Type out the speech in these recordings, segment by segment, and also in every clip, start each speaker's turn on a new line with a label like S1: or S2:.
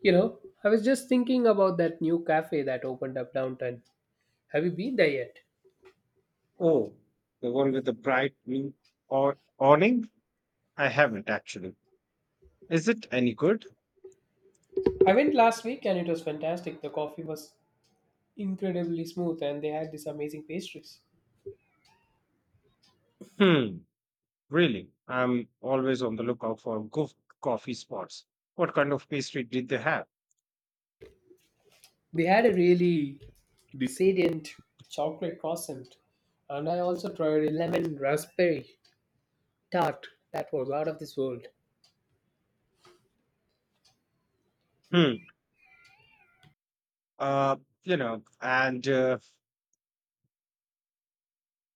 S1: You know, I was just thinking about that new cafe that opened up downtown. Have you been there yet?
S2: Oh, the one with the bright blue or awning? I haven't actually. Is it any good?
S1: I went last week and it was fantastic. The coffee was incredibly smooth and they had these amazing pastries.
S2: Hmm, really? I'm always on the lookout for good coffee spots. What kind of pastry did they have?
S1: They had a really decadent chocolate croissant, and I also tried a lemon raspberry tart that was out of this world.
S2: Hmm, uh, you know, and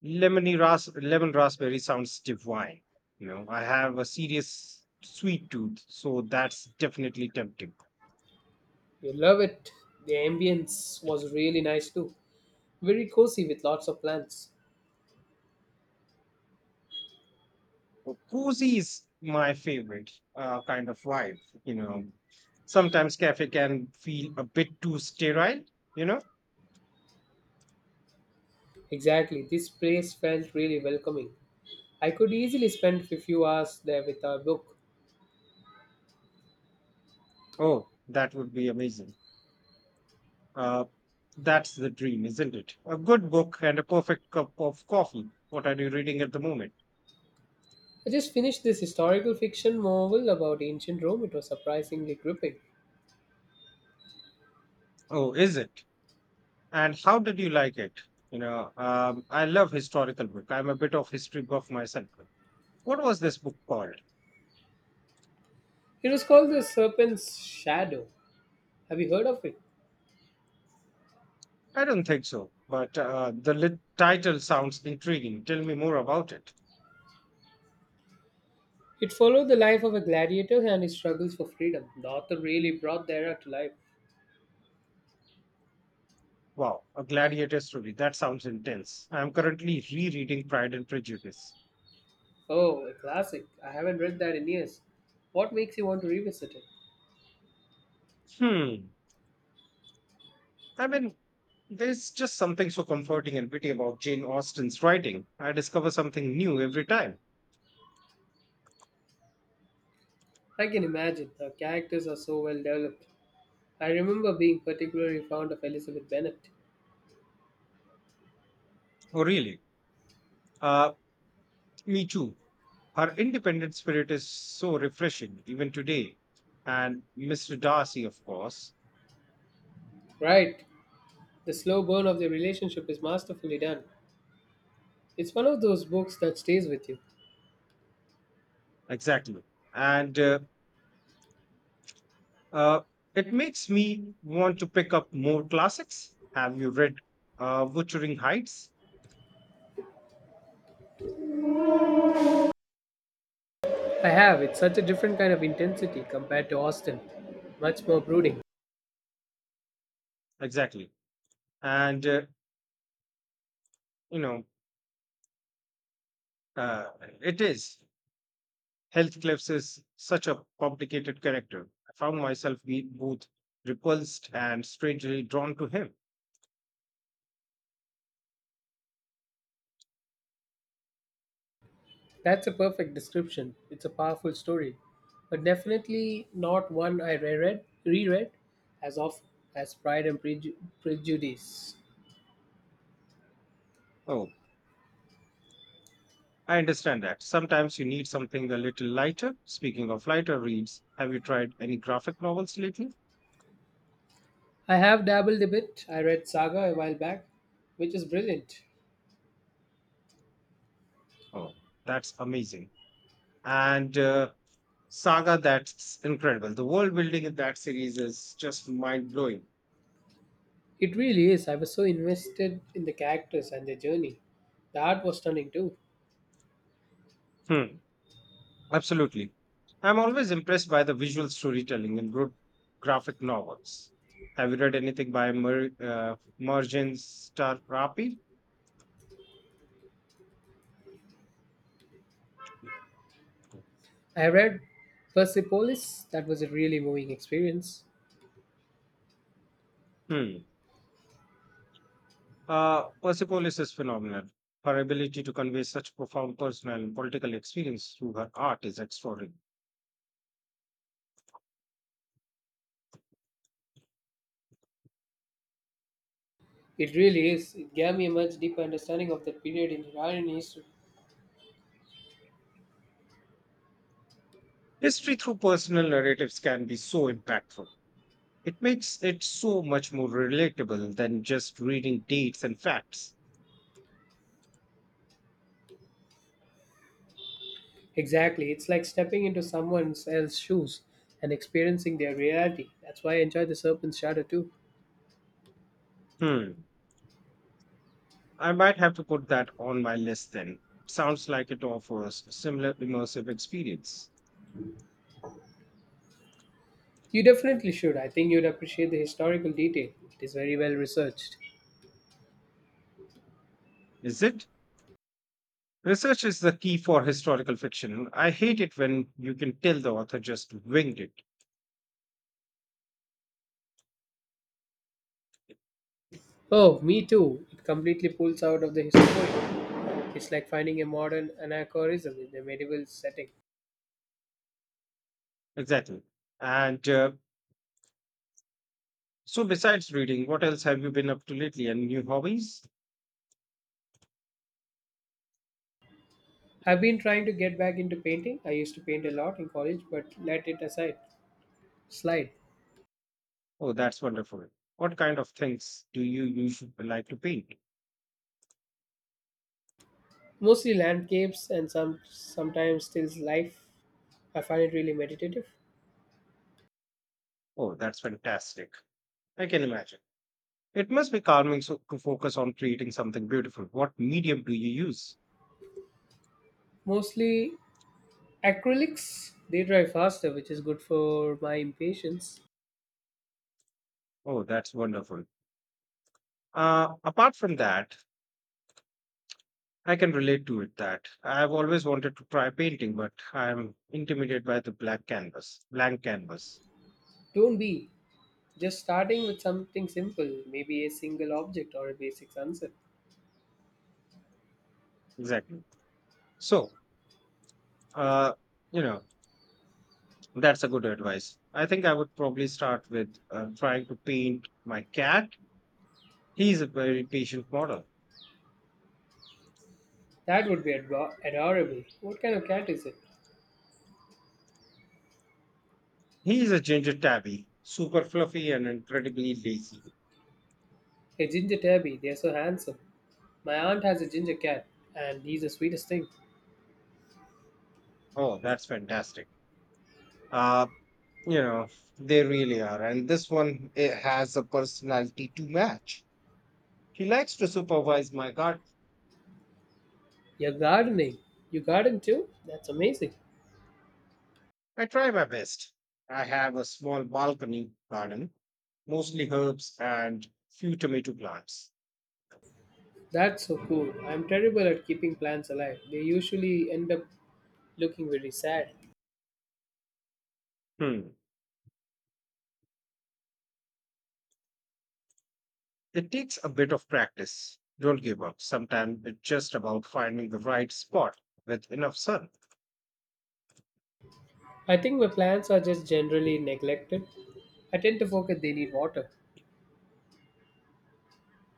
S2: lemon raspberry sounds divine. You know, I have a serious sweet tooth, so that's definitely tempting.
S1: You love it. The ambience was really nice too. Very cozy with lots of plants.
S2: Well, cozy is my favorite kind of vibe. You know, sometimes cafe can feel a bit too sterile. You know,
S1: Exactly, this place felt really welcoming. I could easily spend a few hours there with a book.
S2: oh, that would be amazing. Uh, that's the dream, isn't it? A good book and a perfect cup of coffee. What are you reading at the moment?
S1: I just finished this historical fiction novel about ancient Rome. It was surprisingly gripping.
S2: Oh, is it? And how did you like it? I love historical book. I'm a bit of history buff myself. What was this book called?
S1: It was called The Serpent's Shadow. Have you heard of it?
S2: I don't think so, but title sounds intriguing. Tell me more about it.
S1: It followed the life of a gladiator and his struggles for freedom. The author really brought the era to life.
S2: Wow, a gladiator story. That sounds intense. I'm currently rereading Pride and Prejudice.
S1: Oh, a classic. I haven't read that in years. What makes you want to revisit it?
S2: Hmm. I mean, there's just something so comforting and witty about Jane Austen's writing. I discover something new every time.
S1: I can imagine. The characters are so well developed. I remember being particularly fond of Elizabeth Bennet.
S2: Oh, really? Uh, Me too. Her independent spirit is so refreshing, even today. And Mr. Darcy, of course.
S1: Right. The slow burn of their relationship is masterfully done. It's one of those books that stays with you.
S2: Exactly. And uh, it makes me want to pick up more classics. Have you read Wuthering Heights?
S1: I have. It's such a different kind of intensity compared to Austin. Much more brooding.
S2: Exactly. and you know uh, it is. Health cliffs is such a complicated character. I found both repulsed and strangely drawn to him.
S1: That's a perfect description. It's a powerful story, but definitely not one I reread as often as Prejudice.
S2: Oh, I understand that sometimes you need something a little lighter. Speaking of lighter reads, have you tried any graphic novels lately?
S1: I have dabbled a bit. I read Saga a while back, which is brilliant.
S2: Oh, that's amazing. And Saga, that's incredible. The world building in that series is just mind blowing.
S1: It really is. I was so invested in the characters and their journey. The art was stunning too.
S2: Hmm. Absolutely. I'm always impressed by the visual storytelling in good graphic novels. Have you read anything by Merjan Starrapi?
S1: I read Persepolis. That was a really moving experience.
S2: Hmm. Persepolis is phenomenal. Her ability to convey such profound personal and political experience through her art is extraordinary.
S1: It really is. It gave me a much deeper understanding of that period in Iranian history.
S2: History through personal narratives can be so impactful. It makes it so much more relatable than just reading dates and facts.
S1: Exactly. It's like stepping into someone else's shoes and experiencing their reality. That's why I enjoy The Serpent's Shadow too.
S2: Hmm. I might have to put that on my list then. It sounds like it offers a similar immersive experience.
S1: You definitely should. I think you'd appreciate the historical detail. It is very well researched.
S2: Is it? Research is the key for historical fiction. I hate it when you can tell the author just winged it.
S1: Oh, me too. It completely pulls out of the historic. It's like finding a modern anachronism in a medieval setting.
S2: Exactly. And so, besides reading, what else have you been up to lately? And new hobbies?
S1: I've been trying to get back into painting. I used to paint a lot in college, but let it slide.
S2: Oh, that's wonderful. What kind of things do you usually like to paint?
S1: Mostly landscapes and sometimes stills life. I find it really meditative.
S2: Oh, that's fantastic. I can imagine. It must be calming so, to focus on creating something beautiful. What medium do you use?
S1: Mostly acrylics. They dry faster, which is good for my impatience.
S2: Oh, that's wonderful. Apart from that, I can relate to it that I've always wanted to try painting, but I'm intimidated by the blank canvas.
S1: Don't be, just starting with something simple, maybe a single object or a basic sunset.
S2: Exactly. So, uh, you know, that's a good advice. I think I would probably start with trying to paint my cat. He's a very patient model.
S1: That would be adorable. What kind of cat is it?
S2: He's a ginger tabby, super fluffy and incredibly lazy.
S1: A ginger tabby. They're so handsome. My aunt has a ginger cat, and he's the sweetest thing.
S2: Oh, that's fantastic. Uh, You know, they really are. And this one it has a personality to match. He likes to supervise my garden.
S1: You're gardening. You garden too? That's amazing.
S2: I try my best. I have a small balcony garden, mostly herbs and few tomato plants.
S1: That's so cool. I'm terrible at keeping plants alive. They usually end up looking very sad.
S2: Hmm. It takes a bit of practice. Don't give up. Sometimes it's just about finding the right spot with enough sun.
S1: I think my plants are just generally neglected. I tend to forget they need water.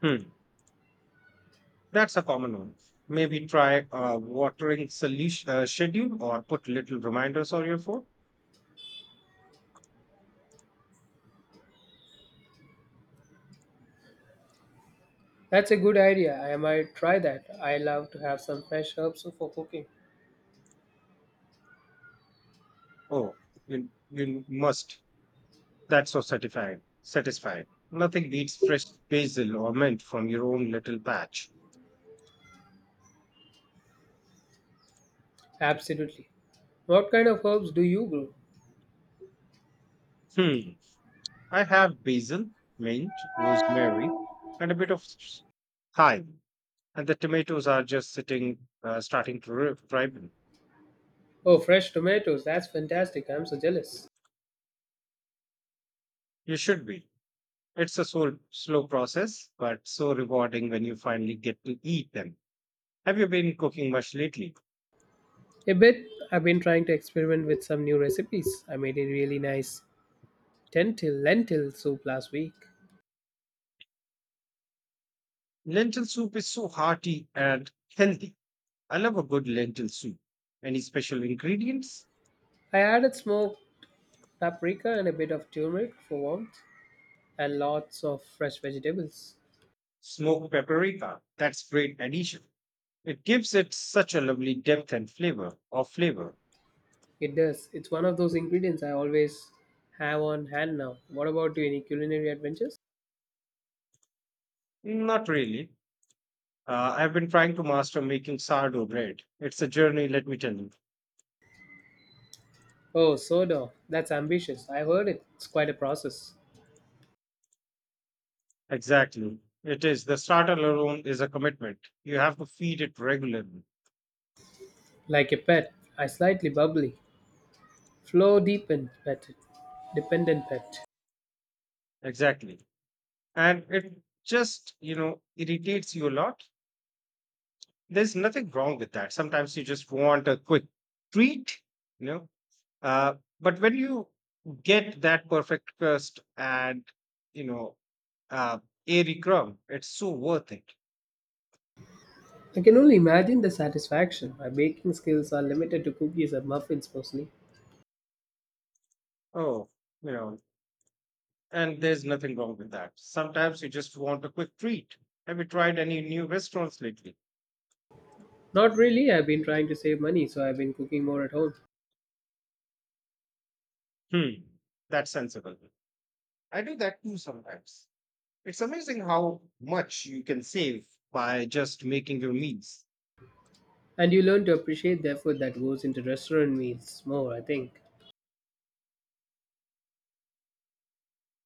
S2: Hmm. That's a common one. Maybe try a watering solution schedule or put little reminders on your phone.
S1: That's a good idea. I might try that. I love to have some fresh herbs for cooking.
S2: Oh, you must. That's so satisfying. Nothing beats fresh basil or mint from your own little patch.
S1: Absolutely. What kind of herbs do you grow?
S2: Hmm. I have basil, mint, rosemary, and a bit of thyme, and the tomatoes are just sitting, starting to ripen.
S1: Oh, fresh tomatoes. That's fantastic. I'm so jealous.
S2: You should be. It's a so slow process, but so rewarding when you finally get to eat them. Have you been cooking much lately?
S1: A bit. I've been trying to experiment with some new recipes. I made a really nice lentil soup last week.
S2: Lentil soup is so hearty and healthy. I love a good lentil soup. Any special ingredients?
S1: I added smoked paprika and a bit of turmeric for warmth and lots of fresh vegetables.
S2: Smoked paprika. That's great addition. It gives it such a lovely depth and flavor.
S1: It does. It's one of those ingredients I always have on hand now. What about you? Any culinary adventures?
S2: Not really. I've been trying to master making sourdough bread. It's a journey, let me tell you.
S1: Oh, soda. That's ambitious. I heard it. It's quite a process.
S2: Exactly. It is. The starter alone is a commitment. You have to feed it regularly.
S1: Like a pet, I slightly bubbly. Flow deepen pet. Dependent pet.
S2: Exactly. And it just, you know, irritates you a lot. There's nothing wrong with that. Sometimes you just want a quick treat, you know, but when you get that perfect crust and you know uh, airy crumb, it's so worth it.
S1: I can only imagine the satisfaction. My baking skills are limited to cookies and muffins mostly.
S2: Oh, you know, and there's nothing wrong with that. Sometimes you just want a quick treat. Have you tried any new restaurants lately?
S1: Not really. I've been trying to save money, so I've been cooking more at home.
S2: Hmm, that's sensible. I do that too sometimes. It's amazing how much you can save by just making your meals.
S1: And you learn to appreciate the effort that goes into restaurant meals more, I think.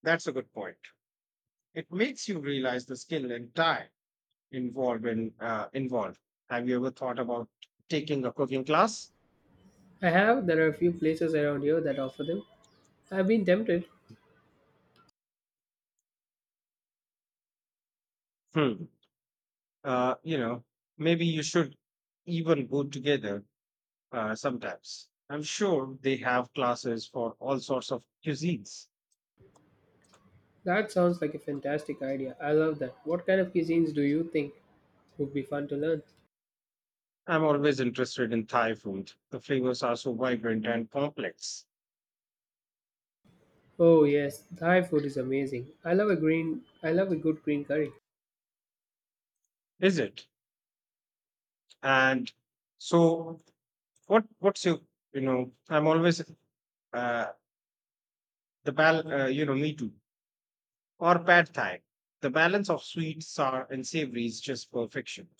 S2: That's a good point. It makes you realize the skill and time involved. Have you ever thought about taking a cooking class?
S1: I have. There are a few places around here that offer them. I've been tempted.
S2: Hmm. Uh, you know, Maybe you should even go together sometimes. I'm sure they have classes for all sorts of cuisines.
S1: That sounds like a fantastic idea. I love that. What kind of cuisines do you think would be fun to learn?
S2: I'm always interested in Thai food. The flavors are so vibrant and complex,
S1: Oh yes, Thai food is amazing. I love a good green curry.
S2: is it? And so, what? What's your? You know, I'm always uh, the bal. You know, me too. Or pad thai. The balance of sweet, sour, and savory is just perfection.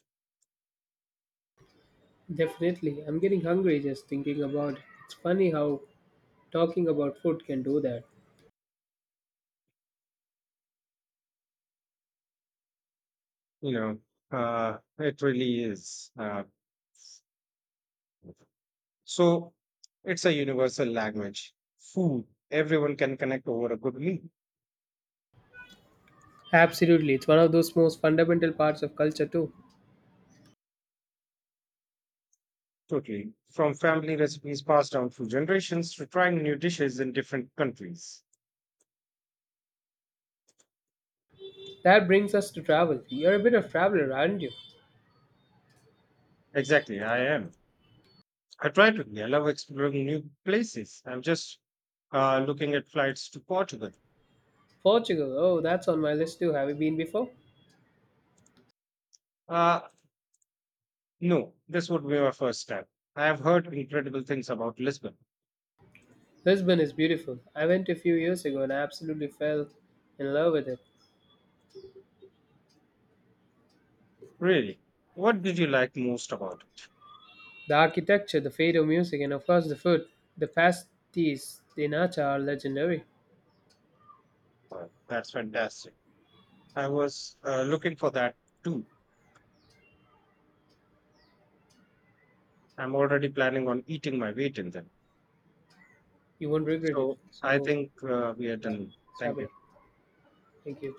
S1: Definitely. I'm getting hungry just thinking about it. It's funny how talking about food can do that.
S2: You know, it really is. So, it's a universal language. Food, everyone can connect over a good meal.
S1: Absolutely, it's one of those most fundamental parts of culture too.
S2: Totally. From family recipes passed down through generations to trying new dishes in different countries.
S1: That brings us to travel. You're a bit of traveler, aren't you?
S2: Exactly, I am. I try to be. I love exploring new places. I'm just looking at flights to Portugal.
S1: Portugal, oh, that's on my list too. Have you been before?
S2: Uh, No, this would be my first step. I have heard incredible things about Lisbon.
S1: Lisbon is beautiful. I went a few years ago and I absolutely fell in love with it.
S2: Really? What did you like most about it?
S1: The architecture, the fado music, and of course the food. The pasties de nata are legendary.
S2: Wow, that's fantastic. I was looking for that too. I'm already planning on eating my weight in them.
S1: You won't regret it.
S2: So I
S1: So,
S2: think we are
S1: yeah,
S2: done.
S1: let's wrap
S2: Thank
S1: it
S2: you.
S1: up. Thank you.